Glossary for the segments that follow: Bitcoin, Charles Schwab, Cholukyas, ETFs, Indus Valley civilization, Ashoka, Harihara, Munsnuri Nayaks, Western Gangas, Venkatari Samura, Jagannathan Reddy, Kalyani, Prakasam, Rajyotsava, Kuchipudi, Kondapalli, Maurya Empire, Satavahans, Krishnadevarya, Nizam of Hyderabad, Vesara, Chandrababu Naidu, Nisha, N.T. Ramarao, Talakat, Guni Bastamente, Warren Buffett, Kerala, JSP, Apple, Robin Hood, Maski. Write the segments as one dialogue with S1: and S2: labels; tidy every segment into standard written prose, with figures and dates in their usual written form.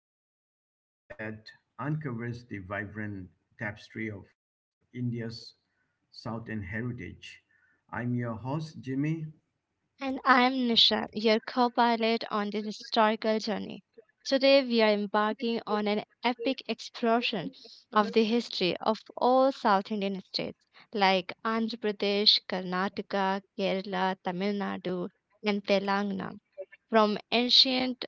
S1: podcast that uncovers the vibrant tapestry of India's Southern heritage. I'm your host, Jimmy.
S2: And I'm Nisha, your co pilot on this historical journey. Today, we are embarking on an epic exploration of the history of all South Indian states like Andhra Pradesh, Karnataka, Kerala, Tamil Nadu, and Telangana. From ancient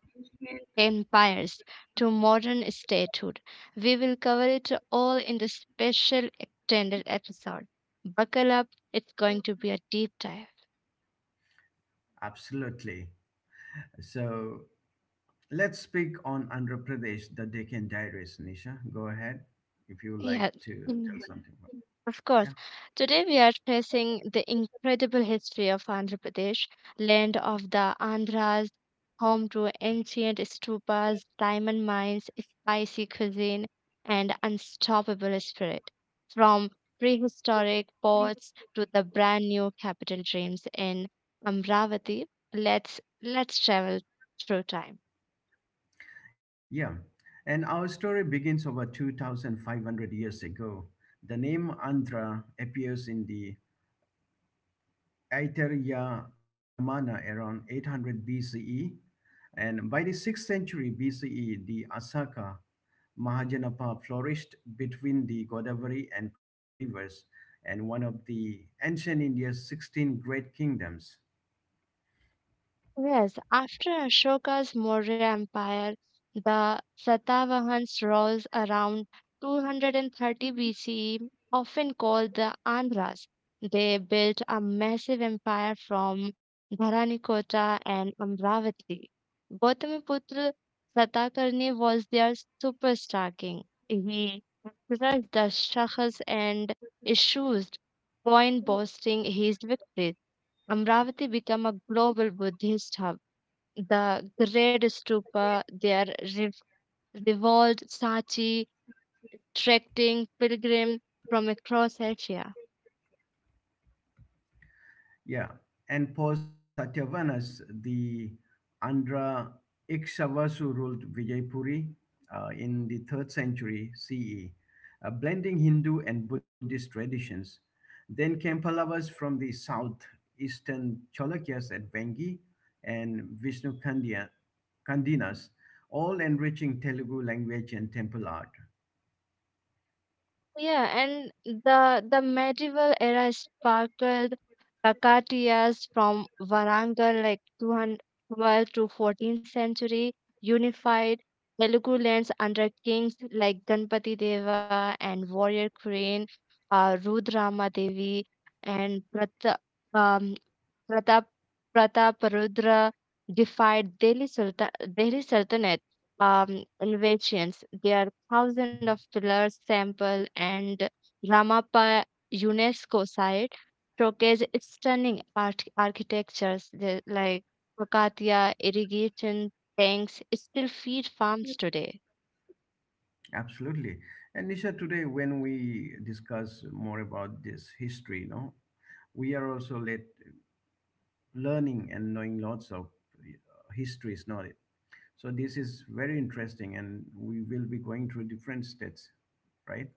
S2: empires to modern statehood, we will cover it all in this special extended episode. Buckle up, it's going to be a deep dive.
S1: Absolutely. So let's speak on Andhra Pradesh, the Deccan Diaries. Nisha, go ahead if you like
S2: Yes.
S1: to tell something about it.
S2: Of course.
S1: Yeah.
S2: Today we are tracing the incredible history of Andhra Pradesh, land of the Andhras, home to ancient stupas, diamond mines, spicy cuisine, and unstoppable spirit. From prehistoric ports to the brand new capital dreams in Amravati, let's travel through time.
S1: Yeah. And our story begins over 2,500 years ago. The name Andhra appears in the Aitareya Brahmana around 800 BCE. And by the 6th century BCE, the Asaka Mahajanapa flourished between the Godavari and Krishna rivers and one of the ancient India's 16 great kingdoms.
S2: Yes, after Ashoka's Maurya Empire, the Satavahans rose around 230 BCE, often called the Andhras. They built a massive empire from Dharanikota and Amravati. Gautamiputra Satakarni was their superstar king. He crushed the Shahas and issues, coin boasting his victories. Amravati became a global Buddhist hub. The great stupa there revolved Sachi, trekking pilgrims from across Asia.
S1: Yeah, and post Satyavanas, the Andhra Ikshavasu ruled Vijaypuri in the 3rd century CE, blending Hindu and Buddhist traditions. Then came Pallavas from the south, eastern Cholukyas at Vengi and Vishnu Kandiya, Kandinas, all enriching Telugu language and temple art.
S2: Yeah, and the medieval era sparkled Kakatiyas from Warangal, like 212 to 14th century, unified Telugu lands under kings like Ganpati Deva and warrior queen Rudrama Devi and um, Pratap Prataparudra defied Delhi Sultanate inventions. There are thousands of pillars, temple, and Ramappa UNESCO site showcase stunning architectures like Kakatiya irrigation tanks still feed farms today.
S1: Absolutely. And Nisha, today when we discuss more about this history, we are also learning and knowing lots of histories, not it? So this is very interesting, and we will be going through different states, right?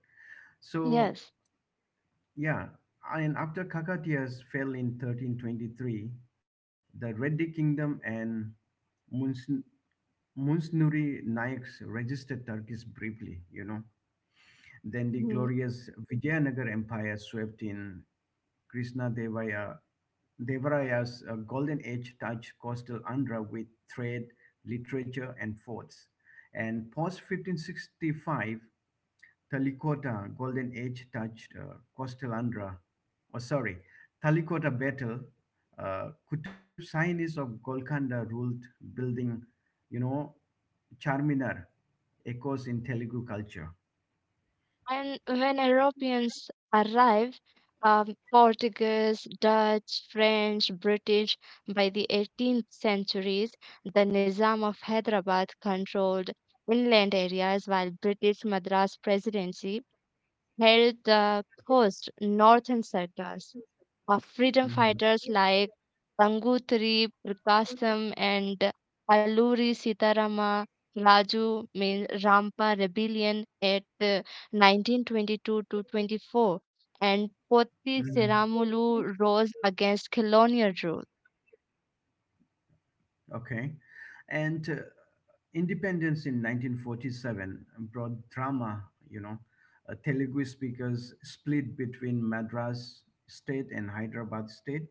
S1: So
S2: Yes.
S1: yeah, and after Kakatias fell in 1323, the Reddy Kingdom and Muns- Munsnuri Nayaks registered Turkish briefly. Then the glorious Vijayanagar Empire swept in. Krishna Devaya, Devaraya's golden age touched coastal Andhra with trade, literature, and forts. And post 1565, Talikota golden age touched coastal Andhra. Or sorry, Talikota battle. Kutub Sainis of Golconda ruled, building, you know, Charminar, echoes in Telugu culture.
S2: And when Europeans arrived, Portuguese, Dutch, French, British, by the 18th centuries, the Nizam of Hyderabad controlled inland areas while British Madras Presidency held the coast northern sectors freedom
S1: Mhm.
S2: fighters like Gangutri, Prakasam, and Alluri Sitarama Raju mean Rampa rebellion at 1922 to 24, and Potti
S1: Mhm.
S2: Siramulu rose against colonial rule.
S1: Okay. And independence in 1947 brought drama, you know. Telugu speakers split between Madras state and Hyderabad state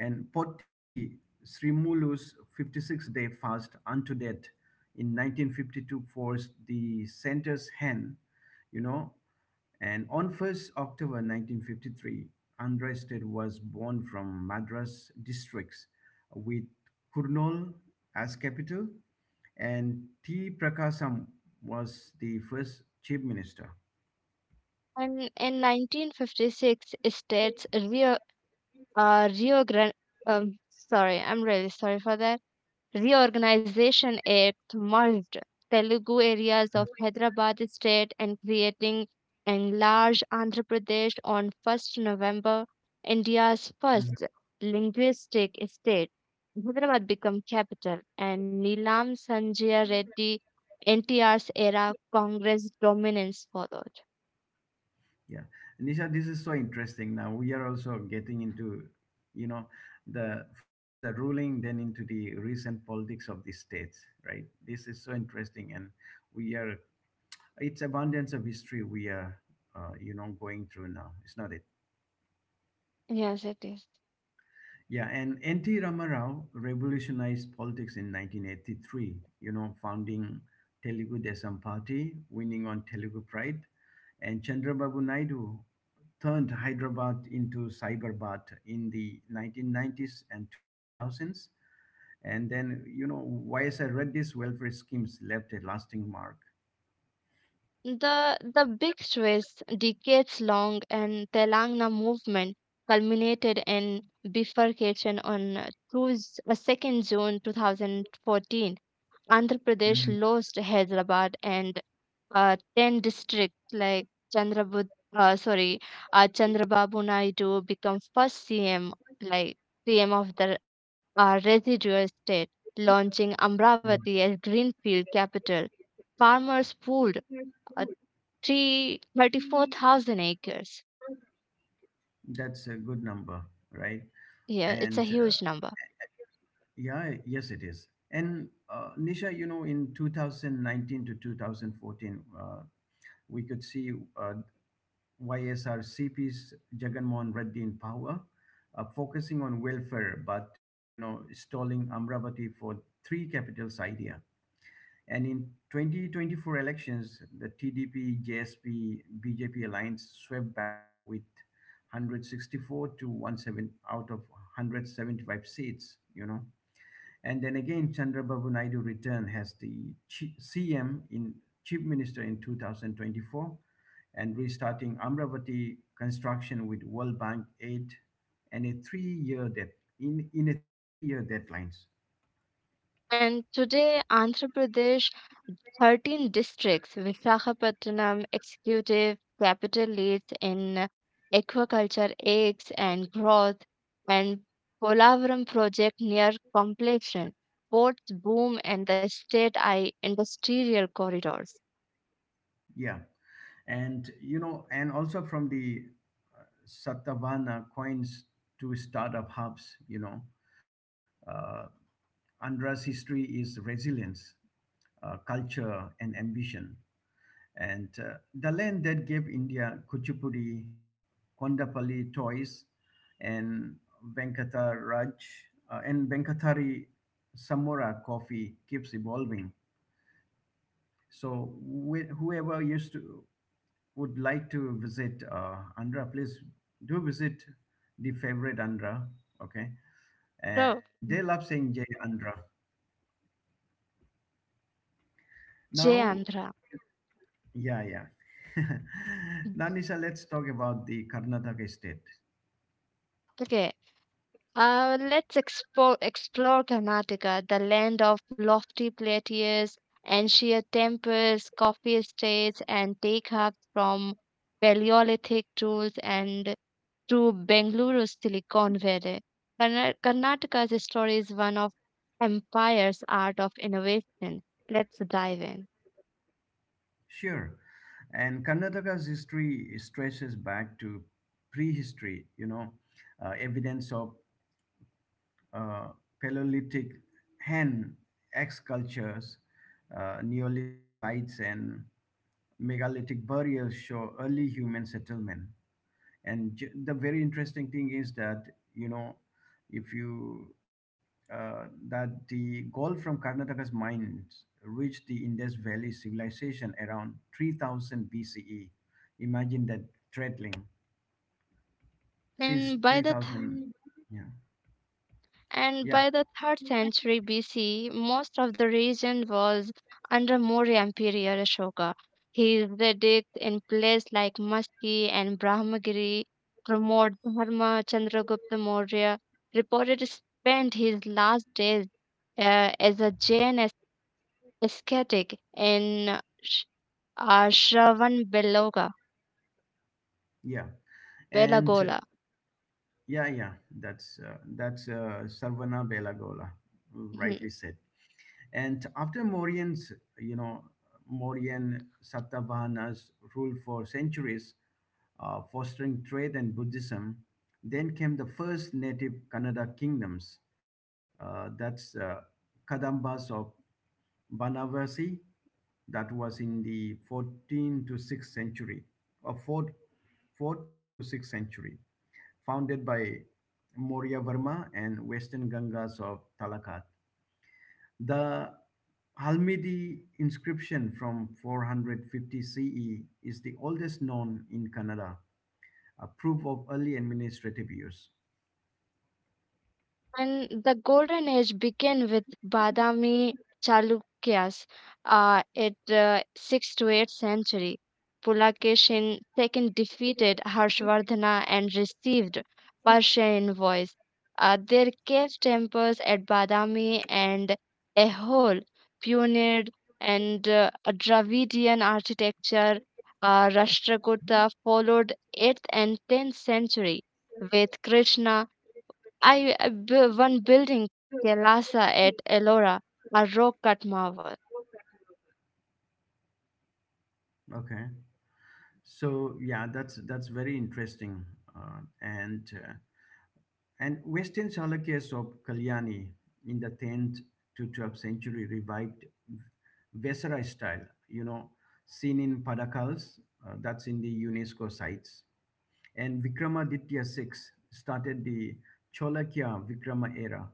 S1: and Potti Srimulu's 56 day fast unto death in 1952 forced the center's hand, you know, and on 1st October 1953, Unrested was born from Madras districts with Kurnool as capital, and T. Prakasam was the first chief minister.
S2: And in 1956, states uh, Rio Grande, sorry, I'm really sorry for that. Reorganization Act merged Telugu areas of Hyderabad state and creating enlarged Andhra Pradesh on 1st November, India's first linguistic state. Hyderabad became capital and Nilam Sanjay Reddy NTR's era Congress dominance followed.
S1: Yeah. Nisha, this is so interesting. Now we are also getting into, you know, the first the ruling, then into the recent politics of the states, right? This is so interesting, and we are it's abundance of history we are, going through now. It's not it.
S2: Yes, it is.
S1: Yeah, and N.T. Ramarao revolutionized politics in 1983, founding Telugu Desam Party, winning on Telugu Pride. And Chandrababu Naidu turned Hyderabad into Cyberbad in the 1990s and 2000s. And then, YSR Reddy's welfare schemes left a lasting mark.
S2: The big twist, decades long, and Telangana movement culminated in bifurcation on 2nd June 2014. Andhra Pradesh
S1: Mhm.
S2: lost Hyderabad and 10 districts like Chandrabud, uh, sorry, Chandrababu Naidu become first CM, like CM of the residual state, launching
S1: Mm.
S2: Amravati as Greenfield capital. Farmers pulled 334,000 acres.
S1: That's a good number, right?
S2: Yeah,
S1: And
S2: it's a
S1: uh,
S2: huge number.
S1: yeah, yes, it is. And Nisha, in 2019 to 2014, we could see uh, YSRCP's Jagannathan Reddy in power, focusing on welfare, but stalling Amravati for three capitals idea. And in 2024 elections, the TDP, JSP, BJP alliance swept back with 164 to 17 out of 175 seats. And then again, Chandrababu Naidu returned as the CM in Chief Minister in 2024 and restarting Amravati construction with World Bank aid and a three-year debt in a three-year deadlines.
S2: And today, Andhra Pradesh, 13 districts, Visakhapatnam executive capital leads in aquaculture, eggs, and growth, and Polavaram project near completion, ports boom, and the state I industrial corridors.
S1: Yeah. And also from the Satavana coins to startup hubs, uh, Andra's history is resilience, culture, and ambition. And the land that gave India Kuchipudi, Kondapalli toys, and Venkataraj and Venkatari Samura coffee keeps evolving. So whoever used to would like to visit Andhra, please do visit the favorite Andhra. Okay,
S2: So,
S1: and they love saying Jay Andhra.
S2: Jay
S1: Now,
S2: Andhra.
S1: yeah, yeah. Now, Nisha, let's talk about the Karnataka state.
S2: Okay, explore Karnataka, the land of lofty plateaus and sheer temples, coffee estates, and take hubs from Paleolithic tools and to Bengaluru's Silicon Valley. Karnataka's story is one of empire's art of innovation. Let's dive in.
S1: Sure. And Karnataka's history stretches back to prehistory, evidence of uh, Paleolithic hand excultures, Neolithic sites, and megalithic burials show early human settlement and the very interesting thing is that you know if you that the gold from Karnataka's mines reached the Indus Valley civilization around 3000 BCE. Imagine that threadling since
S2: And by the
S1: 3000. Yeah,
S2: and
S1: yeah,
S2: by the 3rd century BC, most of the region was under Maurya Emperor Ashoka. His edicts in places like Maski and Brahmagiri promote Dharma Chandragupta Maurya, reported spent his last days as a Jain ascetic in Shravan
S1: yeah, and
S2: Belagola.
S1: yeah, yeah. That's Sarvana Belagola, who
S2: Hmm.
S1: rightly said. And after you know, Mauryan Satavahana's rule for centuries, fostering trade and Buddhism, then came the first native Kannada kingdoms. That's Kadambas of Banavasi, that was in the 14th to 6th century, or 4th, 4th to 6th century, founded by Maurya Varma and Western Gangas of Talakat. The Halmidi inscription from 450 CE is the oldest known in Kannada, a proof of early administrative use.
S2: And the golden age began with Badami Chalukyas at 6th to 8th century. Pulakeshin II defeated Harshvardhana and received Persian envoys. Their cave temples at Badami and Ehol pioneered and a Dravidian architecture. Rashtrakuta followed 8th and 10th century with Krishna I one building Kailasa at Ellora, a rock-cut marvel,
S1: Okay, so yeah, that's very interesting. Uh, and uh, and Western Chalukyas of Kalyani in the 10th to 12th century revived Vesara style, you know, seen in Padakals, that's in the UNESCO sites. And Vikramaditya six started the Cholakya Vikrama era.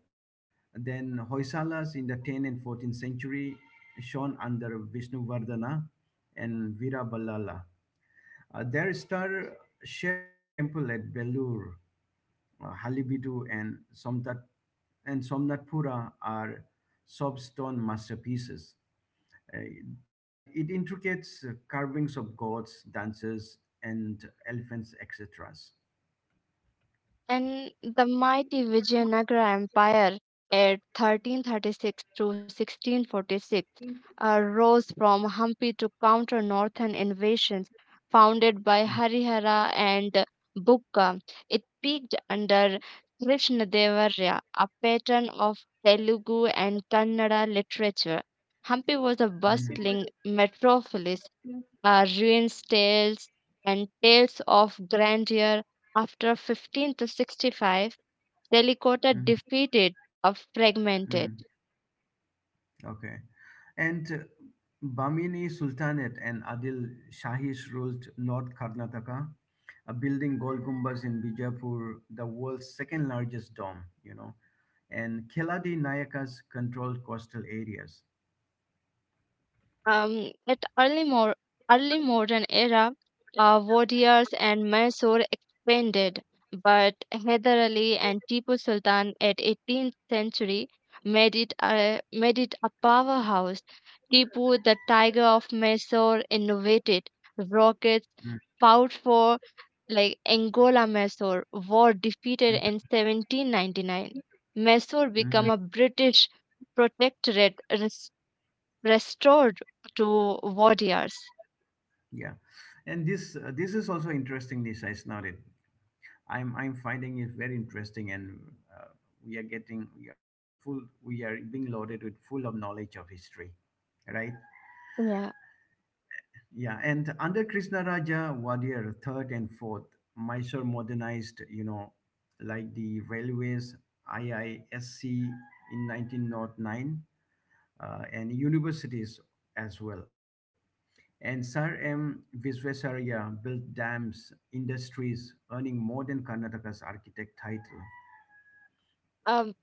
S1: Then Hoysalas in the 10th and 14th century shone under Vishnuvardhana and Viraballala. Their star shaped temple at Belur, Halibidu, and Somtat and Somnathpura are soft stone masterpieces. uh, that it intricates carvings of gods, dancers, and elephants, etc.
S2: and the mighty Vijayanagara Empire at 1336 to 1646 rose from Hampi to counter northern invasions founded by Harihara and Bukka. It peaked under Krishnadevarya, a patron of Telugu and Kannada literature. Hampi was a
S1: Something like
S2: bustling
S1: that.
S2: metropolis ruins tales and tales of grandeur after 15 to 65 Delicota
S1: Mhm.
S2: defeated or fragmented.
S1: Mhm. Okay. And Bamini Sultanate and Adil Shahis ruled North Karnataka, building Gol Gumbaz in Bijapur, the world's second largest dome. And Keladi Nayakas controlled coastal areas.
S2: At early modern era, warriors and Mysore expanded, but Hyder Ali and Tipu Sultan at 18th century made it a powerhouse. Tipu, the tiger of Mysore, innovated rockets,
S1: Mm,
S2: fought for like Angola Mysore were defeated
S1: mm,
S2: in 1799. Mysore
S1: mhm.
S2: became a British protectorate restored to warriors.
S1: Yeah. And this is also interesting, Nisha, is not it? I'm finding it very interesting, and uh, we are being loaded with full of knowledge of history, right?
S2: Yeah.
S1: Yeah, and under Krishna Raja Wadir third and fourth, Mysore modernized, like the railways, IISC in 1909, and universities as well. And Sir M. Visvesaraya built dams, industries, earning more than Karnataka's architect title.
S2: Um,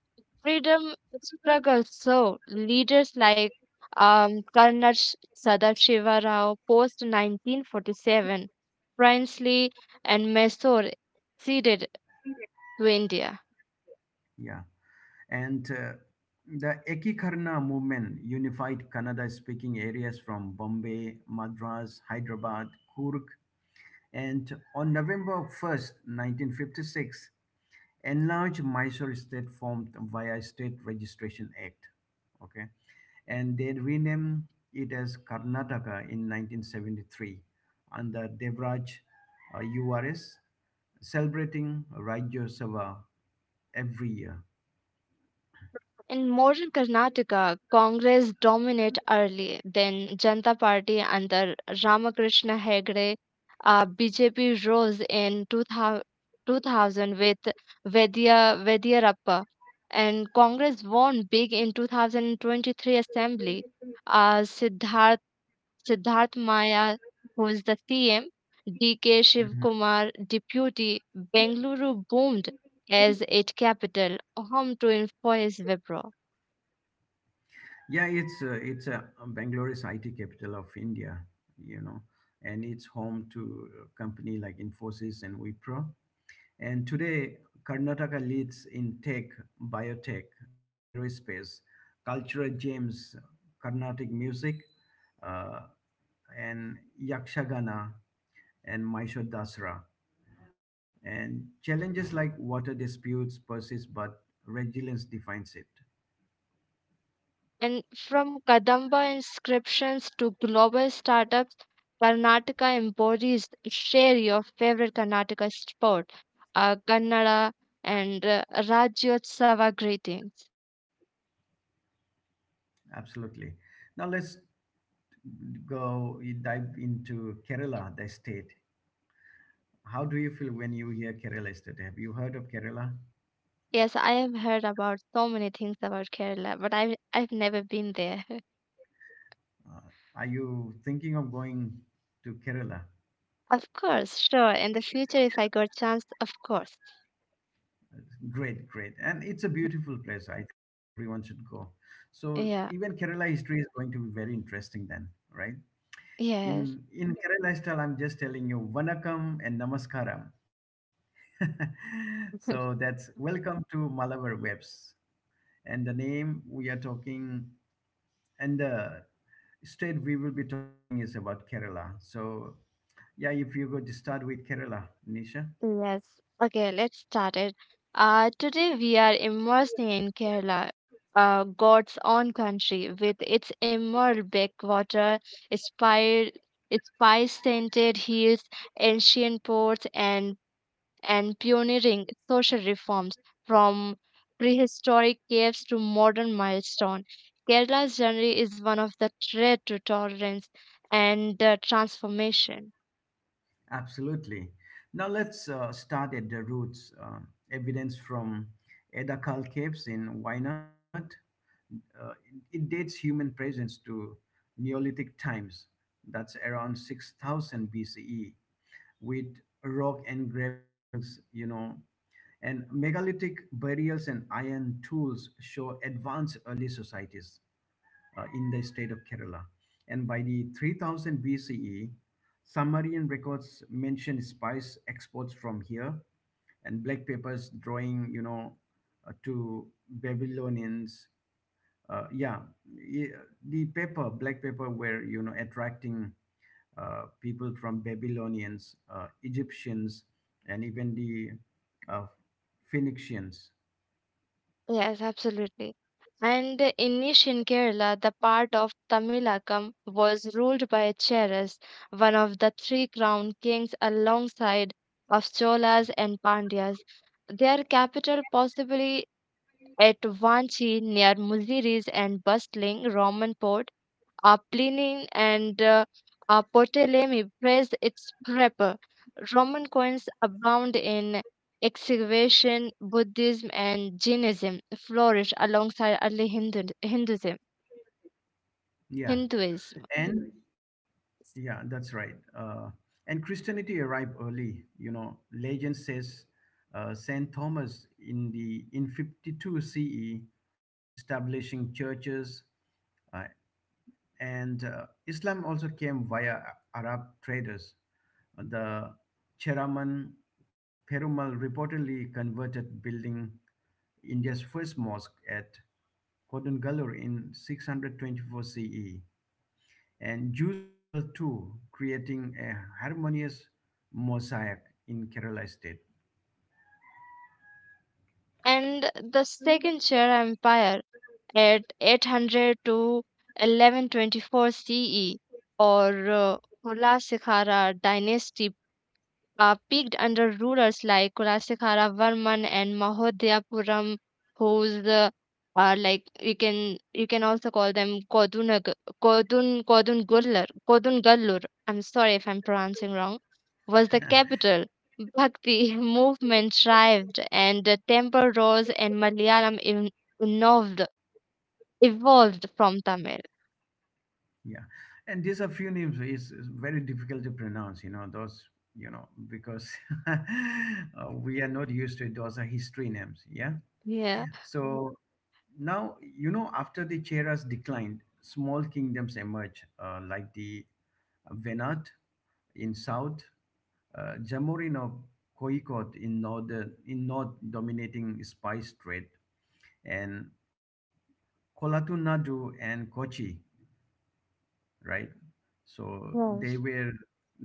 S2: Freedom struggle. So leaders like Karna Sadashiva Rao post 1947 princely and Mysore ceded to India.
S1: Yeah. And the Ekikarna movement unified Kannada speaking areas from Bombay, Madras, Hyderabad, Kurg, and on November 1st, 1956, enlarged Mysore state formed via State Registration Act. Okay, and they renamed it as Karnataka in 1973 under Devraj URS, celebrating Rajya Sabha every year.
S2: In modern Karnataka, Congress dominate early, then Janata Party under Ramakrishna Hegde. BJP rose in 2000, with Vedya, Vedyarappa, and Congress won big in 2023 Assembly. Uh, Siddharth, Siddharth Maya, who is the CM, DK Shiv
S1: Mm-hmm.
S2: Kumar, deputy, Bengaluru boomed as its capital, home to Infosys Wipro.
S1: Yeah, it's a Bangalore is IT capital of India, you know, and it's home to a company like Infosys and Wipro. And today, Karnataka leads in tech, biotech, aerospace, cultural gems, Carnatic music, uh, and Yakshagana and Mysore Dasra. And challenges like water disputes persist, but resilience defines it.
S2: And from Kadamba inscriptions to global startups, Karnataka embodies. Share your favorite Karnataka sport, Kannada, and Rajyotsava greetings.
S1: Absolutely. Now let's go you dive into Kerala, the state. How do you feel when you hear Kerala state? Have you heard of Kerala?
S2: Yes, I have heard about so many things about Kerala, but I've never been there.
S1: Uh, are you thinking of going to Kerala?
S2: Of course, sure. In the future, if I got chance, of course.
S1: Great, great. And it's a beautiful place. I think everyone should go. So
S2: Yeah,
S1: even Kerala history is going to be very interesting then, right?
S2: yes.
S1: In Kerala style, I'm just telling you Vanakkam and Namaskaram. So that's welcome to Malabar Webs. And the name we are talking And the state we will be talking is about Kerala. So, yeah, if you go to start with Kerala, Nisha,
S2: Yes. Okay, let's start it. Today we are immersing in Kerala, God's own country, with its emerald backwater, its fire, its spice scented hills, ancient ports, and pioneering social reforms from prehistoric caves to modern milestone. Kerala's journey is one of the threat to tolerance and transformation.
S1: absolutely. Now let's start at the roots. Evidence from Edakal caves in Wayanad. Uh, it dates human presence to Neolithic times. That's around 6000 BCE with rock engravings, and megalithic burials and iron tools show advanced early societies in the state of Kerala. And by the 3000 BCE, Sumerian records mention spice exports from here and black papers drawing, to Babylonians uh, yeah y- the paper black paper were attracting people from Babylonians, Egyptians, and even the uh, phoenicians.
S2: Yes, absolutely. And in ancient Kerala, the part of Tamilakam was ruled by Cheras, one of the 3 crown kings alongside of Cholas and Pandyas. Their capital possibly at Vanchi, near Muziris and bustling Roman port, are Pliny and Ptolemy praise its prepper. Roman coins abound in excavation, Buddhism and Jainism flourish alongside early Hinduism.
S1: Yeah,
S2: Hinduism.
S1: and yeah that's right. And Christianity arrived early. Legend says St. Thomas in 52 CE establishing churches uh, And Islam also came via Arab traders. The Cheraman Perumal reportedly converted, building India's first mosque at Kodungallur in 624 CE. And Jews settled too, creating a harmonious mosaic in Kerala state.
S2: And the Second Chera Empire at 800 to 1124 CE or Hulasikara dynasty peaked under rulers like Kulasekhara Varman and Mahodhyapuram, whose like you can also call them Kodunag Kodun Kodun Gullur Kodun Gallur. I'm sorry if I'm pronouncing wrong. Was the capital. Bhakti movement thrived, and the temple rose, and Malayalam evolved evolved from Tamil.
S1: Yeah, and these are few names is very difficult to pronounce. You know those. You know, because uh, we are not used to it. Those are history names. Yeah.
S2: Yeah.
S1: Mhm. So now after the Cheras declined, small kingdoms emerged like the Venat in south, Jamorin of Koikot in north dominating spice trade, and Kolatun Nadu and Kochi, right? So
S2: Yes.
S1: they were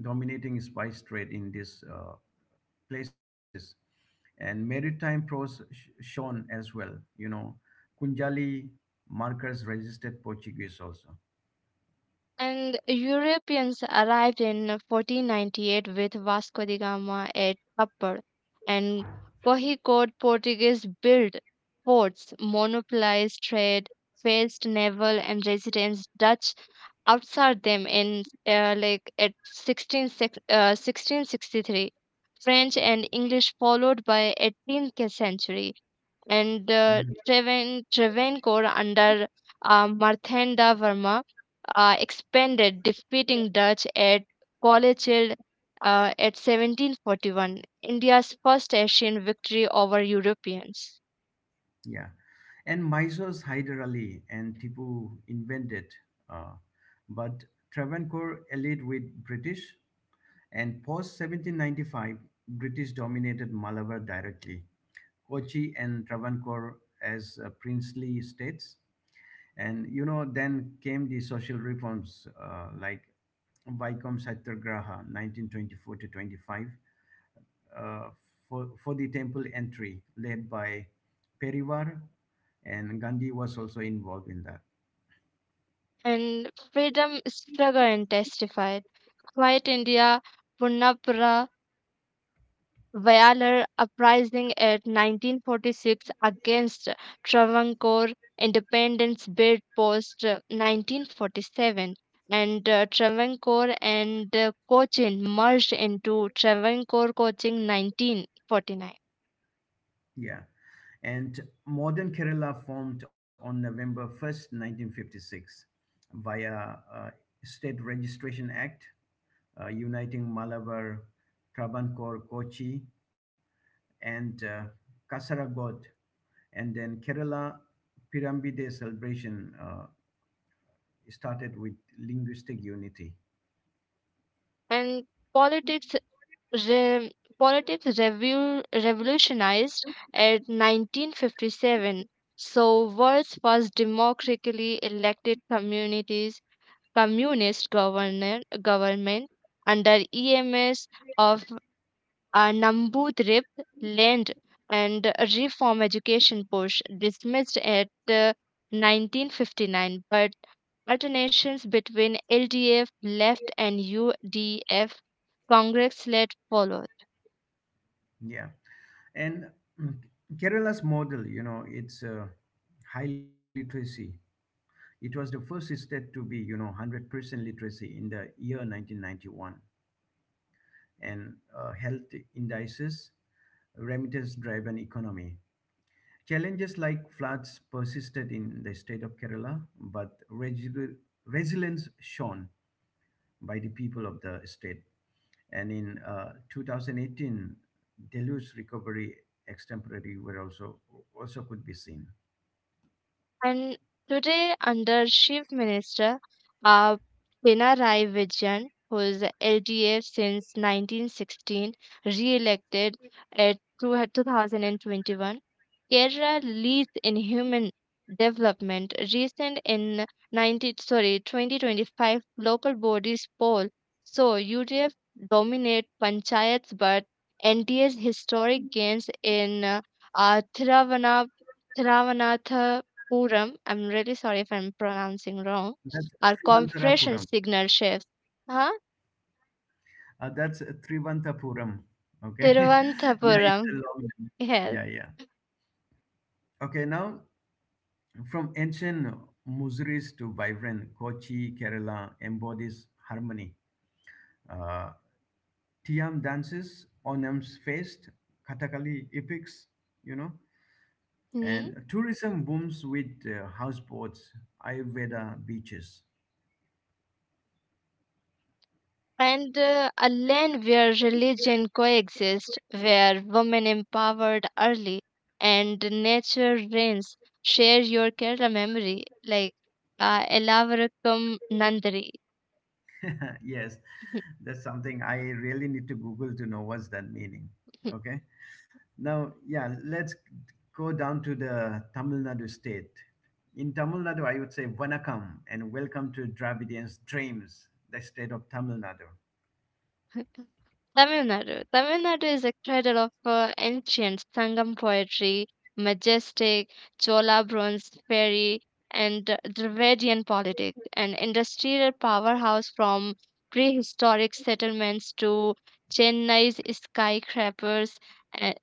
S1: dominating spice trade in these places, and maritime prose shone as well. Kunjali markers registered Portuguese also.
S2: And Europeans arrived in 1498 with Vasco da Gama at Kapar, and Cohicode Portuguese built forts, monopolized trade, faced naval and residents Dutch outside them in 1663. French and English followed by 18th century and
S1: Mhm.
S2: Travancore under Marthanda Verma expanded, defeating Dutch at Polichin at 1741, India's first Asian victory over Europeans.
S1: Yeah, and Mysore's Hyder Ali and Tipu invented, uh, but Travancore allied with British, and post 1795, British dominated Malabar directly, Kochi and Travancore as princely states. And then came the social reforms like Vaikom Satyagraha, 1924 to 25, uh, for, the temple entry, led by Perivar, and Gandhi was also involved in that.
S2: And freedom struggle and testified. Quiet India, Punnapura Vayalar uprising at 1946 against Travancore independence bid post 1947 and Travancore and Cochin merged into Travancore Cochin 1949
S1: Yeah. And modern Kerala formed on November 1st, 1956, via State Registration Act, uniting Malabar, Travancore, Kochi, and Kasaragod. And then Kerala Pirambide Day celebration started with linguistic unity.
S2: and politics Re- politics revolutionized at 1957. So world's first democratically elected communities communist governor government under EMS of Namboodirip land and reform education push dismissed at 1959 but alternations between LDF left and UDF Congress led followed.
S1: Yeah. And mm, Kerala's model, it's high literacy. It was the first state to be, 100% literacy in the year 1991 and health indices, remittance driven economy. Challenges like floods persisted in the state of Kerala, but resilience shone by the people of the state. And in 2018, deluge recovery extemporary were also could be seen.
S2: And today, under Chief Minister uh, Pinarayi Vijayan, who is a LDF since 1916, re-elected at 2021, Kerala leads in human development. Recent in 90, sorry 2025 local bodies poll, so UDF dominate panchayats, but NDS historic gains in uh, Thiruvannamalai. I'm really sorry if I'm pronouncing wrong,
S1: That's
S2: or
S1: Trivantarapuram.
S2: compression signal shifts. Huh?
S1: That's Trivanthapuram. Okay, yeah,
S2: Tiruvananthapuram.
S1: it's a long name.
S2: Yes.
S1: Yeah, yeah. Okay, now, from ancient Muziris to vibrant Kochi, Kerala embodies harmony. Uh, Tiam dances, Onam's fest, Kathakali epics, you know,
S2: Hmm?
S1: and tourism booms with houseboats, Ayurveda beaches.
S2: And a land where religion coexists, where women empowered early and nature reigns. Share your Kerala memory, like Elavarakam Nandari.
S1: Yes, that's something I really need to Google to know what's that meaning. Okay, now, yeah, let's go down to the Tamil Nadu state. In Tamil Nadu, I would say Vanakkam and welcome to Dravidian's Dreams, the state of Tamil Nadu.
S2: Tamil Nadu. Tamil Nadu is a cradle of ancient Sangam poetry, majestic Chola bronze fairy, and Dravidian politics, an industrial powerhouse from prehistoric settlements to Chennai's skyscrapers. Uh,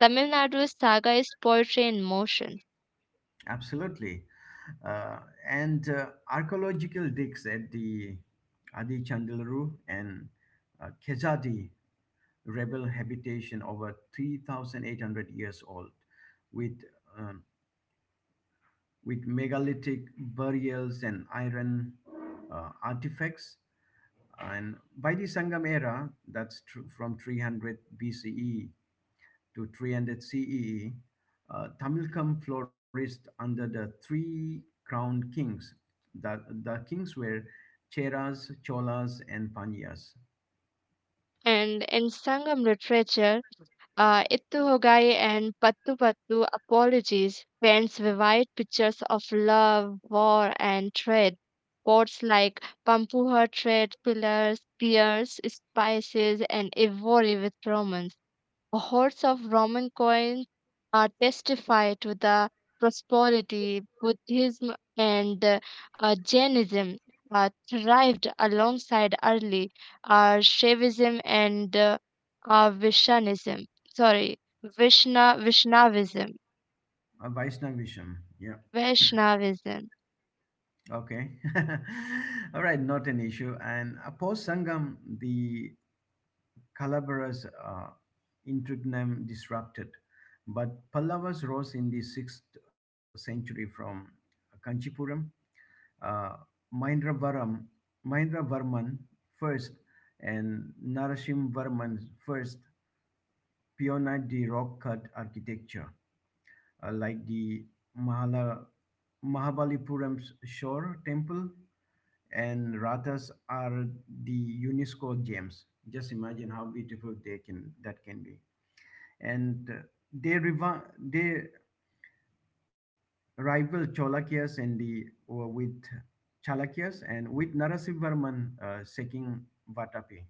S2: Tamil Nadu's saga is poetry in motion.
S1: Absolutely. Uh, and Archaeological digs at the Adi Chandilaru and Khezadi rebel habitation over 3,800 years old with, um, with megalithic burials and iron artifacts. And by the Sangam era, from 300 BCE to 300 CE, Tamilkam flourished under the three crowned kings. The kings were Cheras, Cholas, and Pandyas.
S2: And in Sangam literature, Ittu Hogai and Pattu Pattu Apologies paints vivid pictures of love, war, and trade. Poets like Pampuha trade pillars, pears, spices, and ivory with romance. Hordes of Roman coins testify to the prosperity Buddhism and Jainism thrived alongside early Shaivism and Vishnavism. Sorry, Vishna Vishnavism.
S1: Vaishnavism. Yeah.
S2: Vaishnavism.
S1: Okay. All right. Not an issue. And post Sangam, the Kalabara's interregnum disrupted. But Pallavas rose in the 6th century from Kanchipuram, uh, Mahendravaram, Mahendravarman first and Narasimhavarman first pioneered the rock cut architecture, like the Mahala, Mahabalipuram's Shore Temple and Rathas are the UNESCO gems. Just imagine how beautiful they can that can be, and they rival Cholakyas and the with Chalukyas, and with Narasimhavarman saking Vatapi.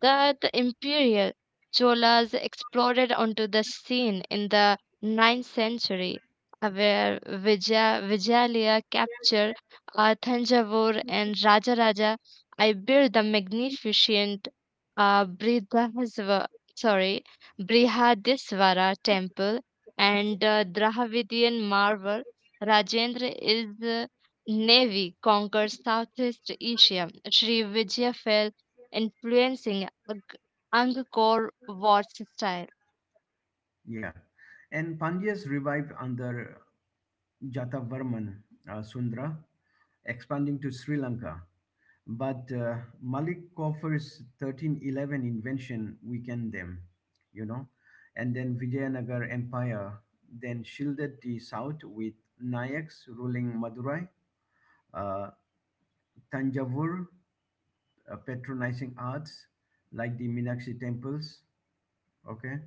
S2: That the imperial Cholas exploded onto the scene in the ninth century, where Vijayalia captured Thanjavur and Rajaraja. I built the magnificent uh, Brihadasva, sorry, Brihadisvara temple and Dravidian marvel. Rajendra is navy conquered Southeast Asia. Sri Vijaya fell influencing Angkor Wat's style.
S1: Yeah, and Pandyas revived under Jatavarman Sundra, expanding to Sri Lanka. But Malik Koffer's 1311 invention weakened them, you know, and then Vijayanagar Empire then shielded the south with Nayaks ruling Madurai, uh, Tanjavur, patronizing arts like the Meenakshi temples. Okay,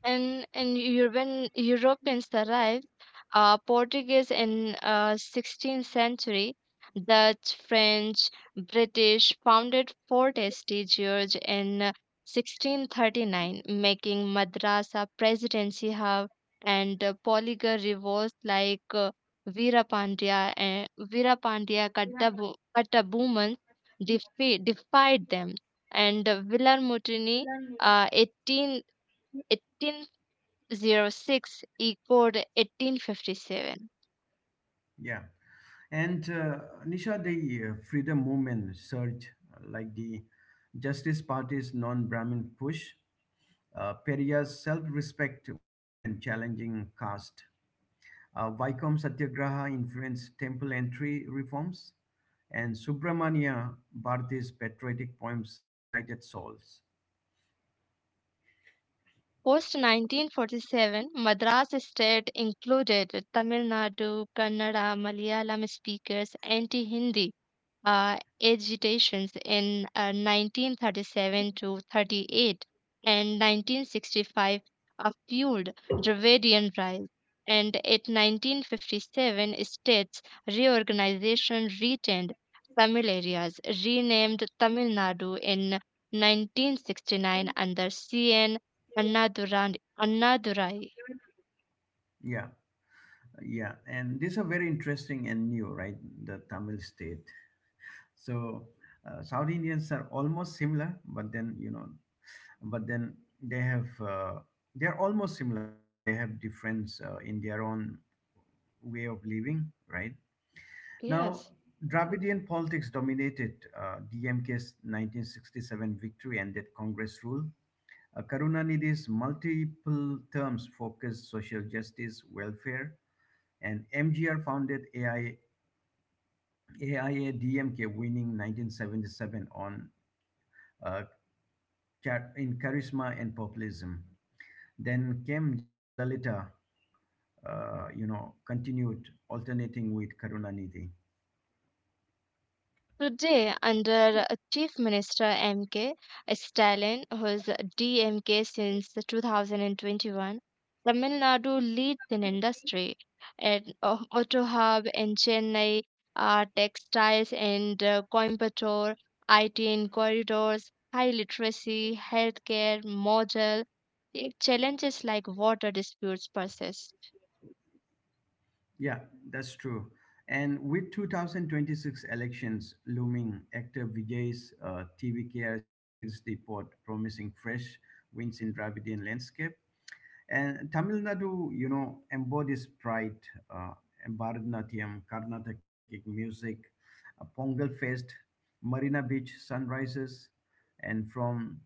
S2: And European Europeans arrived, Portuguese in 16th century, Dutch, French, British founded Fort St. George in 1639, making Madrasa Presidency Hub and Poligar revolts like Veerapandya and Kattabuman defied them, and Villar Mutiny 18 06 echoed 1857.
S1: yeah, and Nisha, the freedom movement surge, like the Justice Party's non-Brahmin push, Periya's self-respect movement challenging caste, Vaikom Satyagraha influenced temple entry reforms, and Subramania Bharati's patriotic poems ignited souls.
S2: Post 1947, Madras state included Tamil Nadu, Kannada, Malayalam speakers, anti Hindi agitations in 1937 to 38 and 1965 fueled Dravidian rise. And at 1957, states reorganization retained Tamil areas, renamed Tamil Nadu in 1969 under CN Annadurai. Annadurai.
S1: Yeah. Yeah, and these are very interesting and new, right? The Tamil state. So South Indians are almost similar, but then you know, but then they have they're almost similar, but then they have difference in their own way of living, right? Now,
S2: Yes.
S1: Dravidian politics dominated DMK's 1967 victory and that Congress rule. Karunanidhi's multiple terms focused social justice, welfare, and MGR founded AI AIA-DMK winning 1977 on uh, in charisma and populism. Then came Jayalalitha, you know, continued alternating with Karunanidhi.
S2: Today, under Chief Minister MK Stalin, who is DMK since 2021, Tamil Nadu leads in industry at Auto Hub in Chennai, textiles and Coimbatore, IT in corridors, high literacy, healthcare, model. The challenges like water disputes persist.
S1: Yeah, that's true. And with 2026 elections looming, actor Vijay's TVKR the pot, promising fresh wins in Dravidian landscape. And Tamil Nadu, you know, embodies pride, uh, Bharatanatyam, Carnatic music, a Pongal Fest, Marina Beach sunrises, and from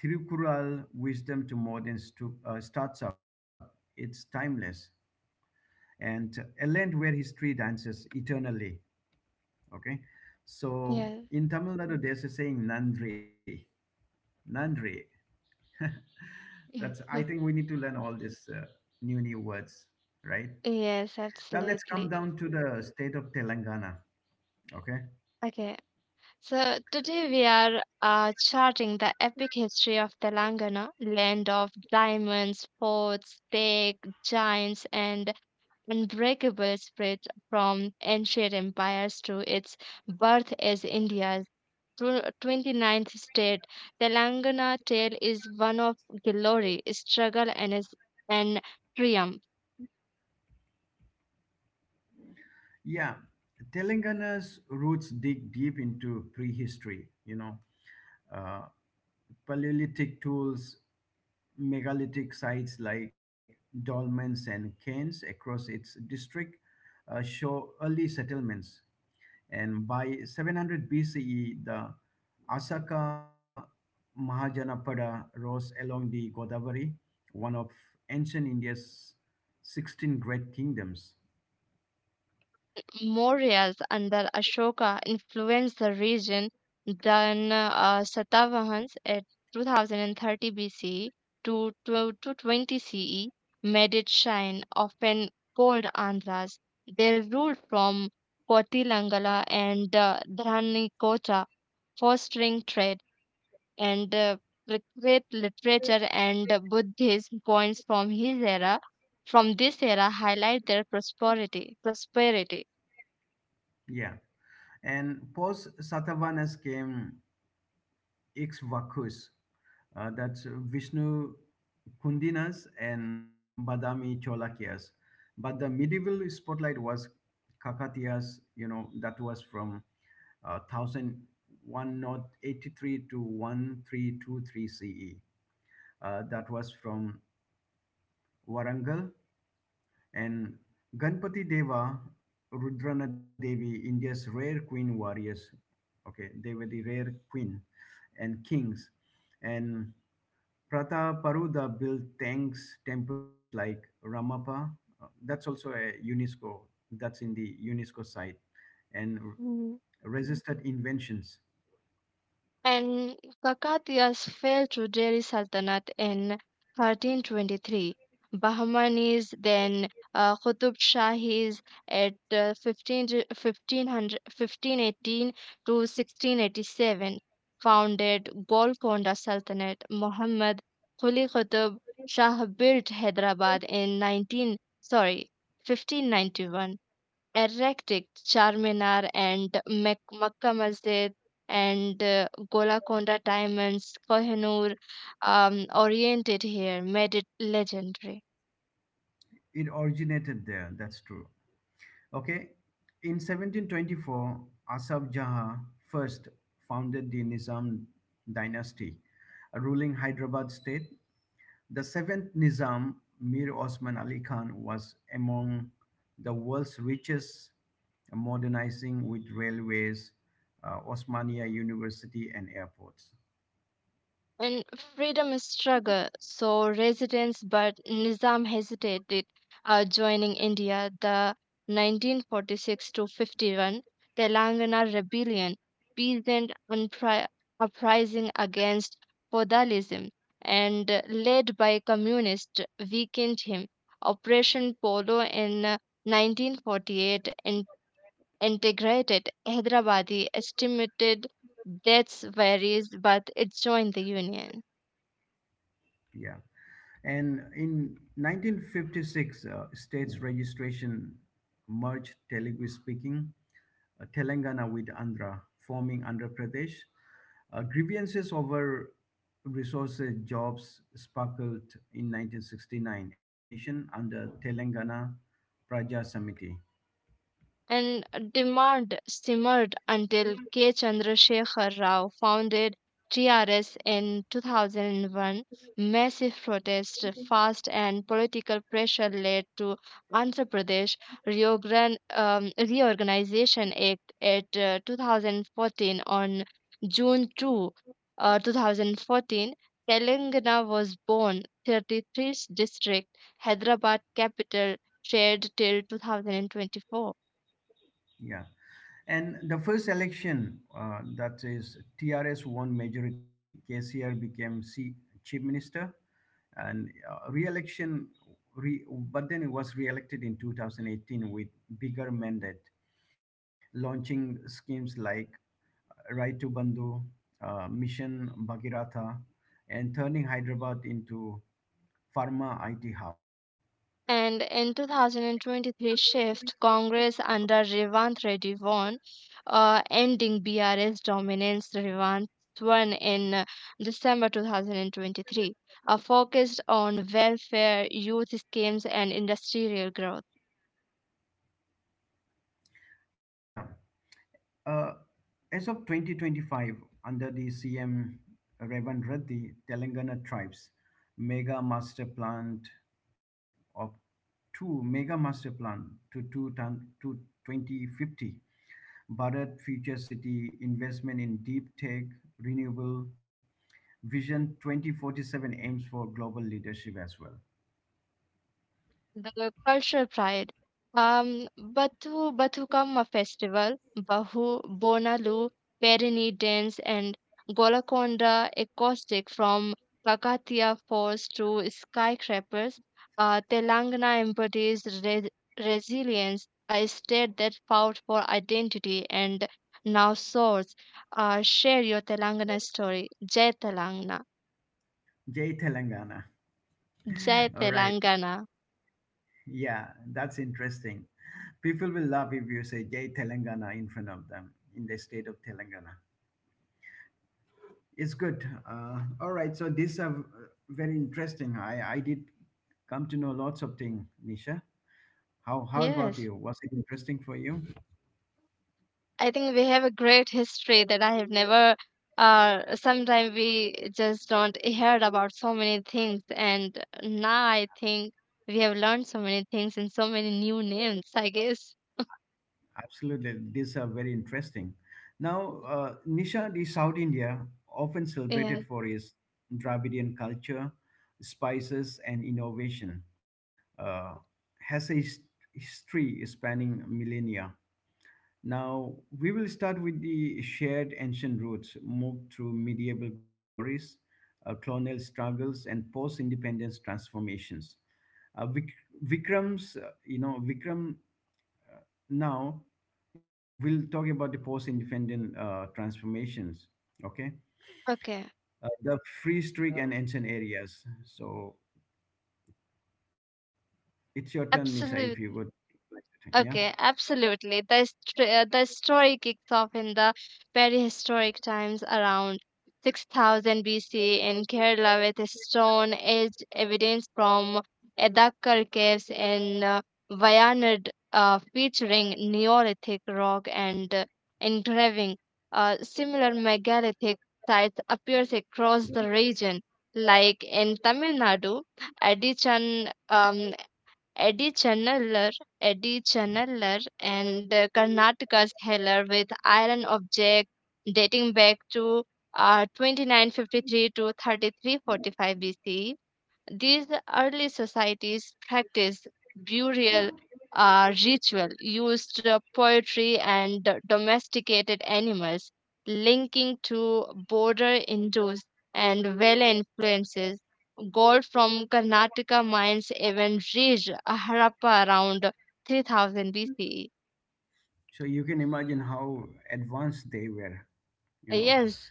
S1: Thirukural wisdom to modern startup, it's timeless. And a land where history dances eternally. Okay. So
S2: Yeah.
S1: in Tamil Nadu, there's a saying, Nandri. Nandri. That's, I think we need to learn all these new, new words, right?
S2: Yes,
S1: Now let's come
S2: absolutely.
S1: down to the state of Telangana. Okay.
S2: Okay, so today we are charting the epic history of Telangana, land of diamonds, forts, steak, giants, and unbreakable spirit from ancient empires to its birth as India's ninth state. Telangana tale is one of glory, struggle, and triumph.
S1: Yeah. Telangana's roots dig deep into prehistory, you know, uh, Paleolithic tools, megalithic sites like dolmens and cairns across its district show early settlements. And by 700 BCE, the Asaka Mahajanapada rose along the Godavari, one of ancient India's 16 great kingdoms.
S2: Mauryas under Ashoka influenced the region, then Satavahans at 2030 BCE two to 20 CE made it shine, often called Andhras. They ruled from Kotilangala and Dhanikocha, fostering trade and great literature and Buddhism points from this era highlight their prosperity.
S1: Yeah. And post Satavahanas came Ikshvakus, that's Vishnu Kundinas and Badami Cholakyas. But the medieval spotlight was Kakatiyas, you know, that was from 1083 to 1323 CE. That was from Warangal. And Ganpati Deva, Rudrana Devi, India's rare queen warriors. Okay, they were the rare queen and kings. And Prataparuda built tanks, temples like Ramappa. That's also a UNESCO, that's in the UNESCO site. And resisted inventions.
S2: And Kakatiyas fell to Delhi Sultanate in 1323. Bahmanis, then Qutub Shahis at 1500 to 1687, founded Golconda Sultanate. Muhammad Quli Qutub Shah built Hyderabad in 1591, erratic Charminar and Makkah Masjid and Golconda Diamonds. Kohinoor oriented here made it legendary.
S1: It originated there, that's true. Okay, in 1724, Asaf Jaha first founded the Nizam dynasty, a ruling Hyderabad state. The seventh Nizam, Mir Osman Ali Khan, was among the world's richest, modernizing with railways, Osmania University, and airports.
S2: And freedom is struggle. So resistance, but Nizam hesitated joining India. The 1946 to 51 Telangana rebellion, peasant uprising against feudalism, and led by communists, weakened him. Operation Polo in 1948 integrated Hyderabadi, estimated deaths varies, but it joined the union.
S1: Yeah. And in 1956, states registration merged Telugu speaking Telangana with Andhra, forming Andhra Pradesh. Grievances over resources, jobs sparkled in 1969 agitation under Telangana Praja Samiti.
S2: And demand simmered until K. Chandrasekhar Rao founded TRS in 2001. Massive protest, fast, and political pressure led to Andhra Pradesh Reorganization Act at 2014 on June 2, 2014. Telangana was born, 33rd district, Hyderabad capital, shared till 2024.
S1: Yeah. And the first election, that is TRS won majority. KCR became chief minister, and re- but then he was re-elected in 2018 with bigger mandate, launching schemes like Right to Bandhu, Mission Bhagiratha, and turning Hyderabad into pharma IT hub.
S2: And in 2023 shift, Congress under Revanth Reddy won, ending BRS dominance. Revanth won in December 2023, focused on welfare, youth schemes, and industrial growth.
S1: Yeah. Uh, as of 2025, under the CM Revan Reddy, Telangana Tribes Mega Master Plan of two Mega Master Plan to two ton to 2050, Bharat Future City investment in deep tech, renewable vision 2047 aims for global leadership as well.
S2: The cultural pride: Bathukamma festival, Bahu, Bonalu, Perini dance, and Golakonda acoustic from Kakatiya Falls to skyscrapers. Telangana embodies resilience, a state that fought for identity and now soars. Share your Telangana story. Jai Telangana.
S1: Jay Telangana.
S2: Jai
S1: All right.
S2: Telangana.
S1: Yeah, that's interesting. People will love if you say Jai Telangana in front of them in the state of Telangana. It's good. All right, so these are very interesting. I did come to know lots of things, Nisha. How about
S2: Yes,
S1: you? Was it interesting for you?
S2: I think we have a great history that I have never. Sometimes we just don't heard about so many things, and now I think we have learned so many things and so many new names, I guess.
S1: Absolutely, these are very interesting. Now, Nisha, the South India, often
S2: Yeah.
S1: celebrated for its Dravidian culture, spices, and innovation, uh, has a history spanning millennia. Now, we will start with the shared ancient roots, move through medieval glories, colonial struggles, and post independence transformations. Vik- Vikram's, you know, Vikram now, yeah, we'll talk about the post independent transformations, okay?
S2: Okay.
S1: The free streak and ancient areas. So it's your turn, Nisha, if you
S2: Absolutely.
S1: would like to, yeah?
S2: Okay, absolutely. The story kicks off in the prehistoric times around 6000 BC in Kerala with stone age evidence from Edakkar caves in Wayanad, featuring Neolithic rock and engraving. Similar megalithic sites appears across the region, like in Tamil Nadu, Adichan Eddie Chennalar, Eddie Chennalar, and Karnataka's Heller with Iron Object dating back to 2953 to 3345 BCE. These early societies practiced burial ritual, used poetry and domesticated animals, linking to border Hindus and Vela influences. Gold from Karnataka mines even reached Harappa around 3000 BCE.
S1: So you can imagine how advanced they were, you know.
S2: Yes,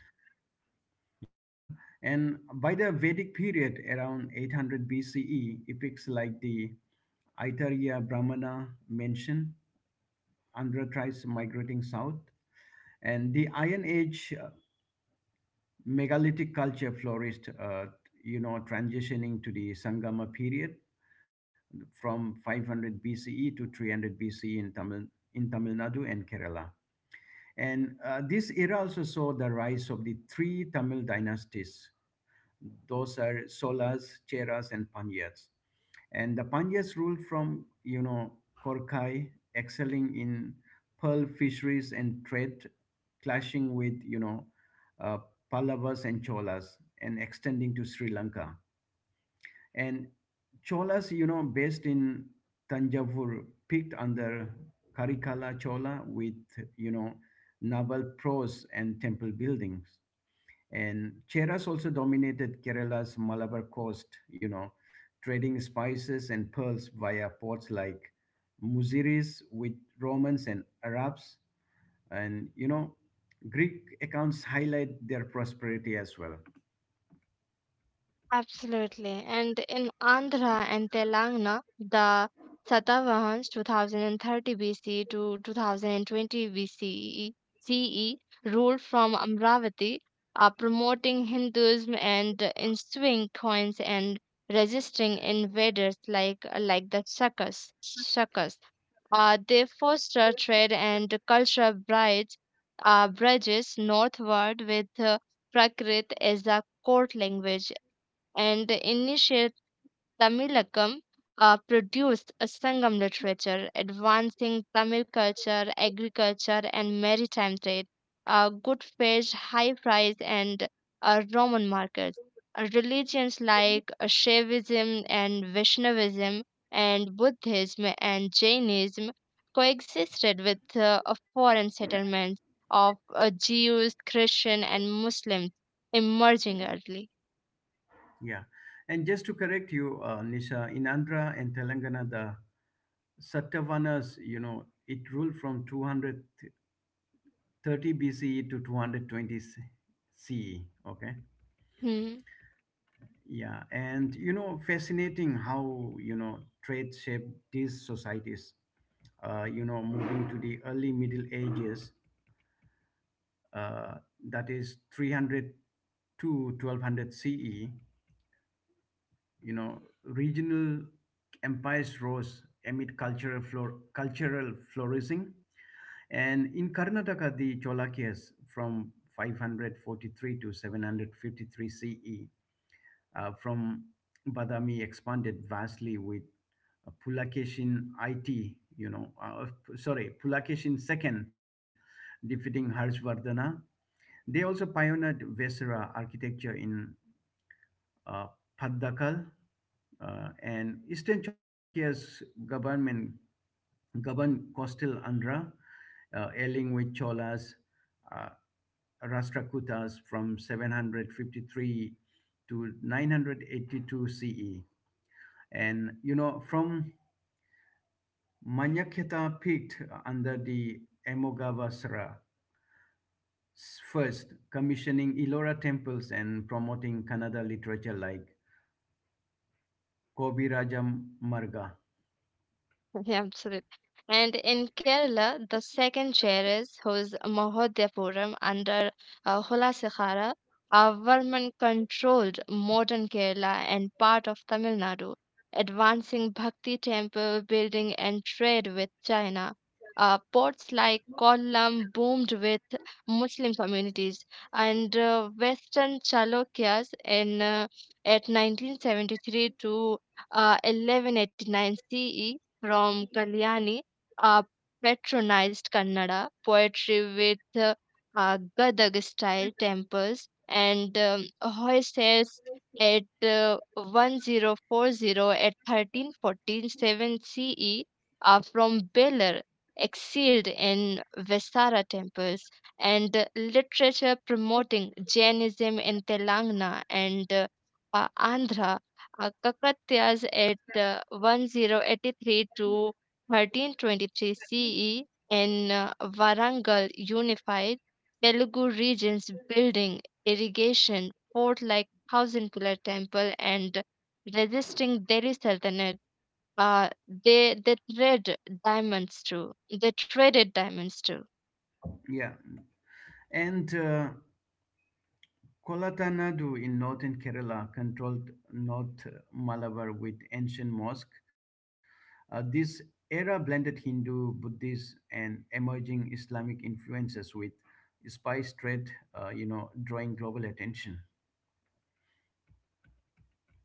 S1: Yeah, and by the Vedic period around 800 BCE, epics like the Aitareya Brahmana mention Andhra tribes migrating south, and the Iron Age megalithic culture flourished, transitioning to the Sangama period from 500 BCE to 300 BCE in Tamil Nadu and Kerala. And this era also saw the rise of the three Tamil dynasties. Those are Solas, Cheras, and Pandyas. And the Pandyas ruled from, you know, Korkai, excelling in pearl fisheries and trade, clashing with, you know, uh, Pallavas and Cholas, and extending to Sri Lanka. And Cholas, you know, based in Tanjavur, peaked under Karikala Chola with, you know, naval prose and temple buildings. And Cheras also dominated Kerala's Malabar coast, you know, trading spices and pearls via ports like Muziris with Romans and Arabs. And, you know, Greek accounts highlight their prosperity as well.
S2: absolutely. And in Andhra and Telangana, the Satavahans 2030 BC to 2020 BCE CE ruled from Amravati, promoting Hinduism and ensuing coins and resisting invaders like the Shakas. They foster trade and cultural brides, bridges northward with Prakrit as a court language and the initiate Tamilakam produced a Sangam literature, advancing Tamil culture, agriculture, and maritime trade, good fish, high price, and Roman markets. Religions like Shaivism and Vaishnavism and Buddhism and Jainism coexisted with a foreign settlements of Jews, Christian, and Muslims emerging early.
S1: Yeah. And just to correct you, Nisha, in Andhra and Telangana, the Satavanas, you know, it ruled from 230 BCE to 220 CE. Okay.
S2: Hmm.
S1: Yeah. And, you know, fascinating how, you know, trade shaped these societies. Moving to the early Middle Ages, uh, that is 300 to 1200 CE, you know, regional empires rose amid cultural flourishing. And in Karnataka, the Cholakyas from 543 to 753 CE from Badami expanded vastly with uh, Pulakeshin IT, you know, uh, sorry, Pulakeshin II defeating Harshvardhana. They also pioneered Vesara architecture in uh, Paddakal, and Eastern Cholakya's government governed coastal Andhra, allying with Cholas, uh, Rashtrakutas from 753 to 982 CE. And you know, from Manyakheta Pit under the Emogavasara first, commissioning Ellora temples and promoting Kannada literature like Kobi Raja Marga.
S2: Yeah, absolutely. And in Kerala, the second chair is whose Mahodhyapuram under Hulasekhara, a Varman controlled modern Kerala and part of Tamil Nadu, advancing Bhakti temple building and trade with China. Ports like Kollam boomed with Muslim communities, and Western Chalukyas in at 1973 to 1189 CE from Kalyani, a patronized Kannada poetry with Gadag style tempers and hoists at 1040 at 1347 CE are from Beller, exiled in Vesara temples, and literature promoting Jainism in Telangana and Andhra Kakatiyas at 1083 to 1323 CE in Varangal unified Telugu regions building irrigation, fort like thousand pillar temple and resisting Delhi Sultanate. Uh, they trade diamonds too. They traded diamonds too.
S1: Yeah, and Kolatanadu in northern Kerala controlled North Malabar with ancient mosque. This era blended Hindu, Buddhist, and emerging Islamic influences with spice trade, drawing global attention.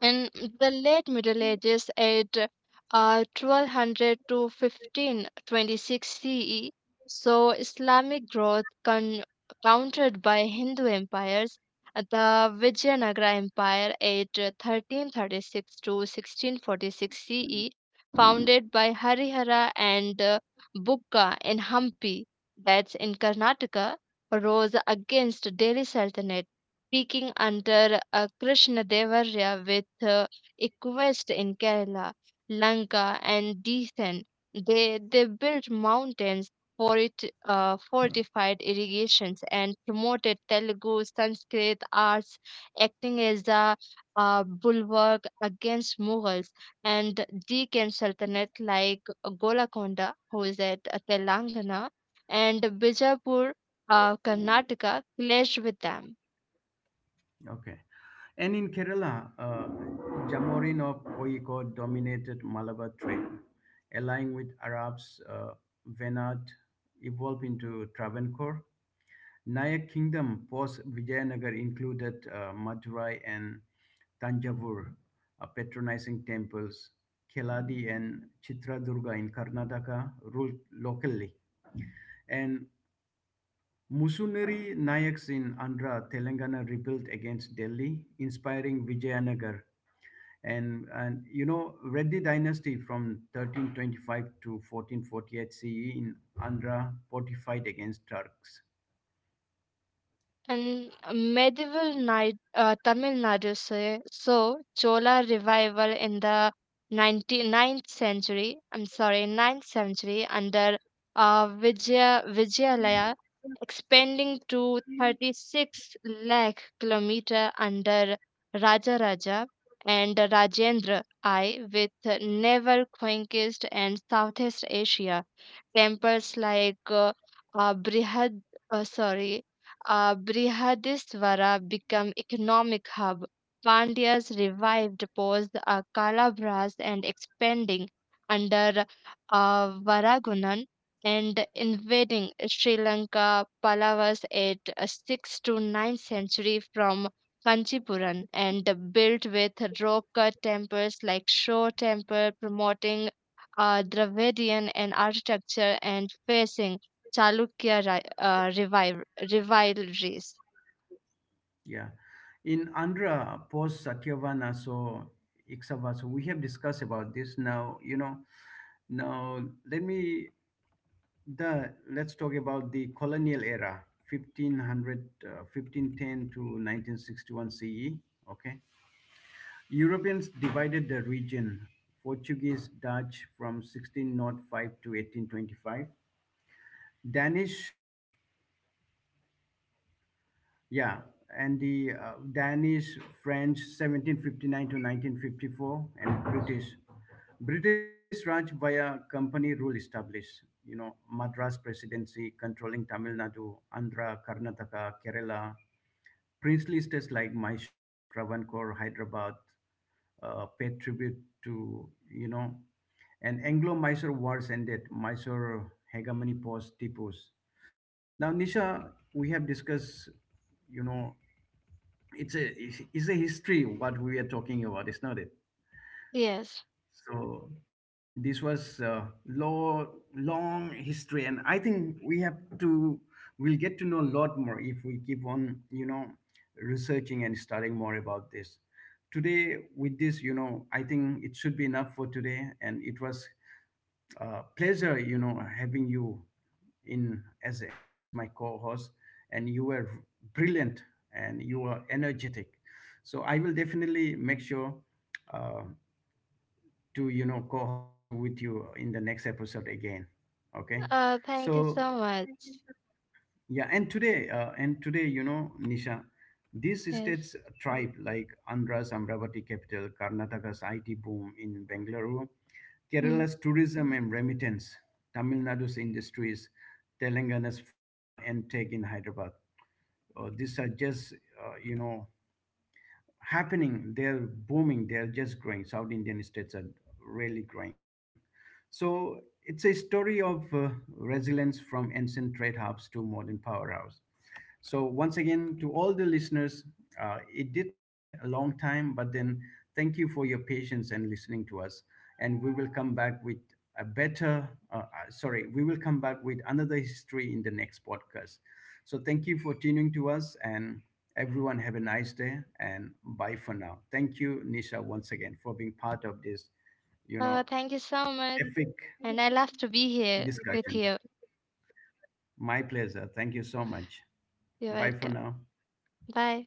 S2: In the late Middle Ages, at 1200 to 1526 CE, so Islamic growth countered by Hindu empires. The Vijayanagara Empire at 1336 to 1646 CE, founded by Harihara and Bukka in Hampi, that's in Karnataka, rose against Delhi Sultanate speaking under Krishnadevarya with uh, Equest in Kerala, Lanka, and Deccan. They built mountains for it, fortified irrigations, and promoted Telugu, Sanskrit, arts, acting as a bulwark against Mughals. And Deccan Sultanate, like Golakonda, who is at Telangana, and Bijapur, Karnataka, clashed with them.
S1: Okay. And in Kerala, Jamorin of Koyikod dominated Malabar trade, allying with Arabs, Venad evolved into Travancore, Nayak Kingdom post Vijayanagar included Madurai and Tanjavur, patronizing temples, Keladi and Chitradurga in Karnataka ruled locally, and Musuneri Nayaks in Andhra, Telangana rebelled against Delhi, inspiring Vijayanagar. And you know, Reddy dynasty from 1325 to 1448 CE in Andhra fortified against Turks.
S2: And medieval night, Tamil Nadu say, so Chola revival in the 19 9th century, I'm sorry, 9th century under Vijayalaya, expanding to 36 lakh kilometer under Raja Raja and Rajendra I with naval conquest and Southeast Asia temples like uh, Brihad, uh, sorry, Brihadisvara become economic hub. Pandyas revived post Kalabras and expanding under Varagunan and invading Sri Lanka Pallavas at 6th to ninth century from Kanchipuram and built with rock cut temples like Shore Temple promoting Dravidian in architecture and facing Chalukya rivalries.
S1: Yeah. In Andhra, post Satyavana, so Ikshava, so we have discussed about this now, you know, now let me, let's talk about the colonial era, 1500, uh, 1510 to 1961 CE, okay? Europeans divided the region, Portuguese, Dutch from 1605 to 1825, Danish. Yeah, and the Danish, French, 1759 to 1954, and British. British Raj via company rule established, you know, Madras Presidency controlling Tamil Nadu, Andhra, Karnataka, Kerala. Princely states like Mysore, Travancore, Hyderabad paid tribute to, you know, and Anglo-Mysore wars ended Mysore hegemony post Tipu's. Now, Nisha, we have discussed, you know, it's a history what we are talking about, is not it?
S2: Yes.
S1: So this was a long history, and I think we have to, we'll get to know a lot more if we keep on, you know, researching and studying more about this today. With this, you know, I think it should be enough for today, and it was a pleasure, you know, having you in as my co-host, and you were brilliant and you were energetic. So I will definitely make sure uh, to, you know, co-host with you in the next episode again. Okay,
S2: Thank you
S1: so
S2: so much.
S1: yeah, and today, you know, Nisha, these
S2: Yes.
S1: states tribe like Andhra's Amravati capital, Karnataka's IT boom in Bengaluru,
S2: Mm.
S1: Kerala's tourism and remittance, Tamil Nadu's industries, Telangana's pharma and tech in Hyderabad. These are just, uh, you know, happening. They're booming. They're just growing. South Indian states are really growing. So it's a story of resilience from ancient trade hubs to modern powerhouse. So, once again, to all the listeners, it did take a long time, but then thank you for your patience and listening to us. And we will come back with a we will come back with another history in the next podcast. So, thank you for tuning to us, and everyone have a nice day and bye for now. Thank you, Nisha, once again for being part of this, you know,
S2: Thank you so
S1: epic
S2: much. And I love to be here
S1: discussion.
S2: with you.
S1: My pleasure. Thank you so much.
S2: You're
S1: Bye for
S2: welcome.
S1: now.
S2: Bye.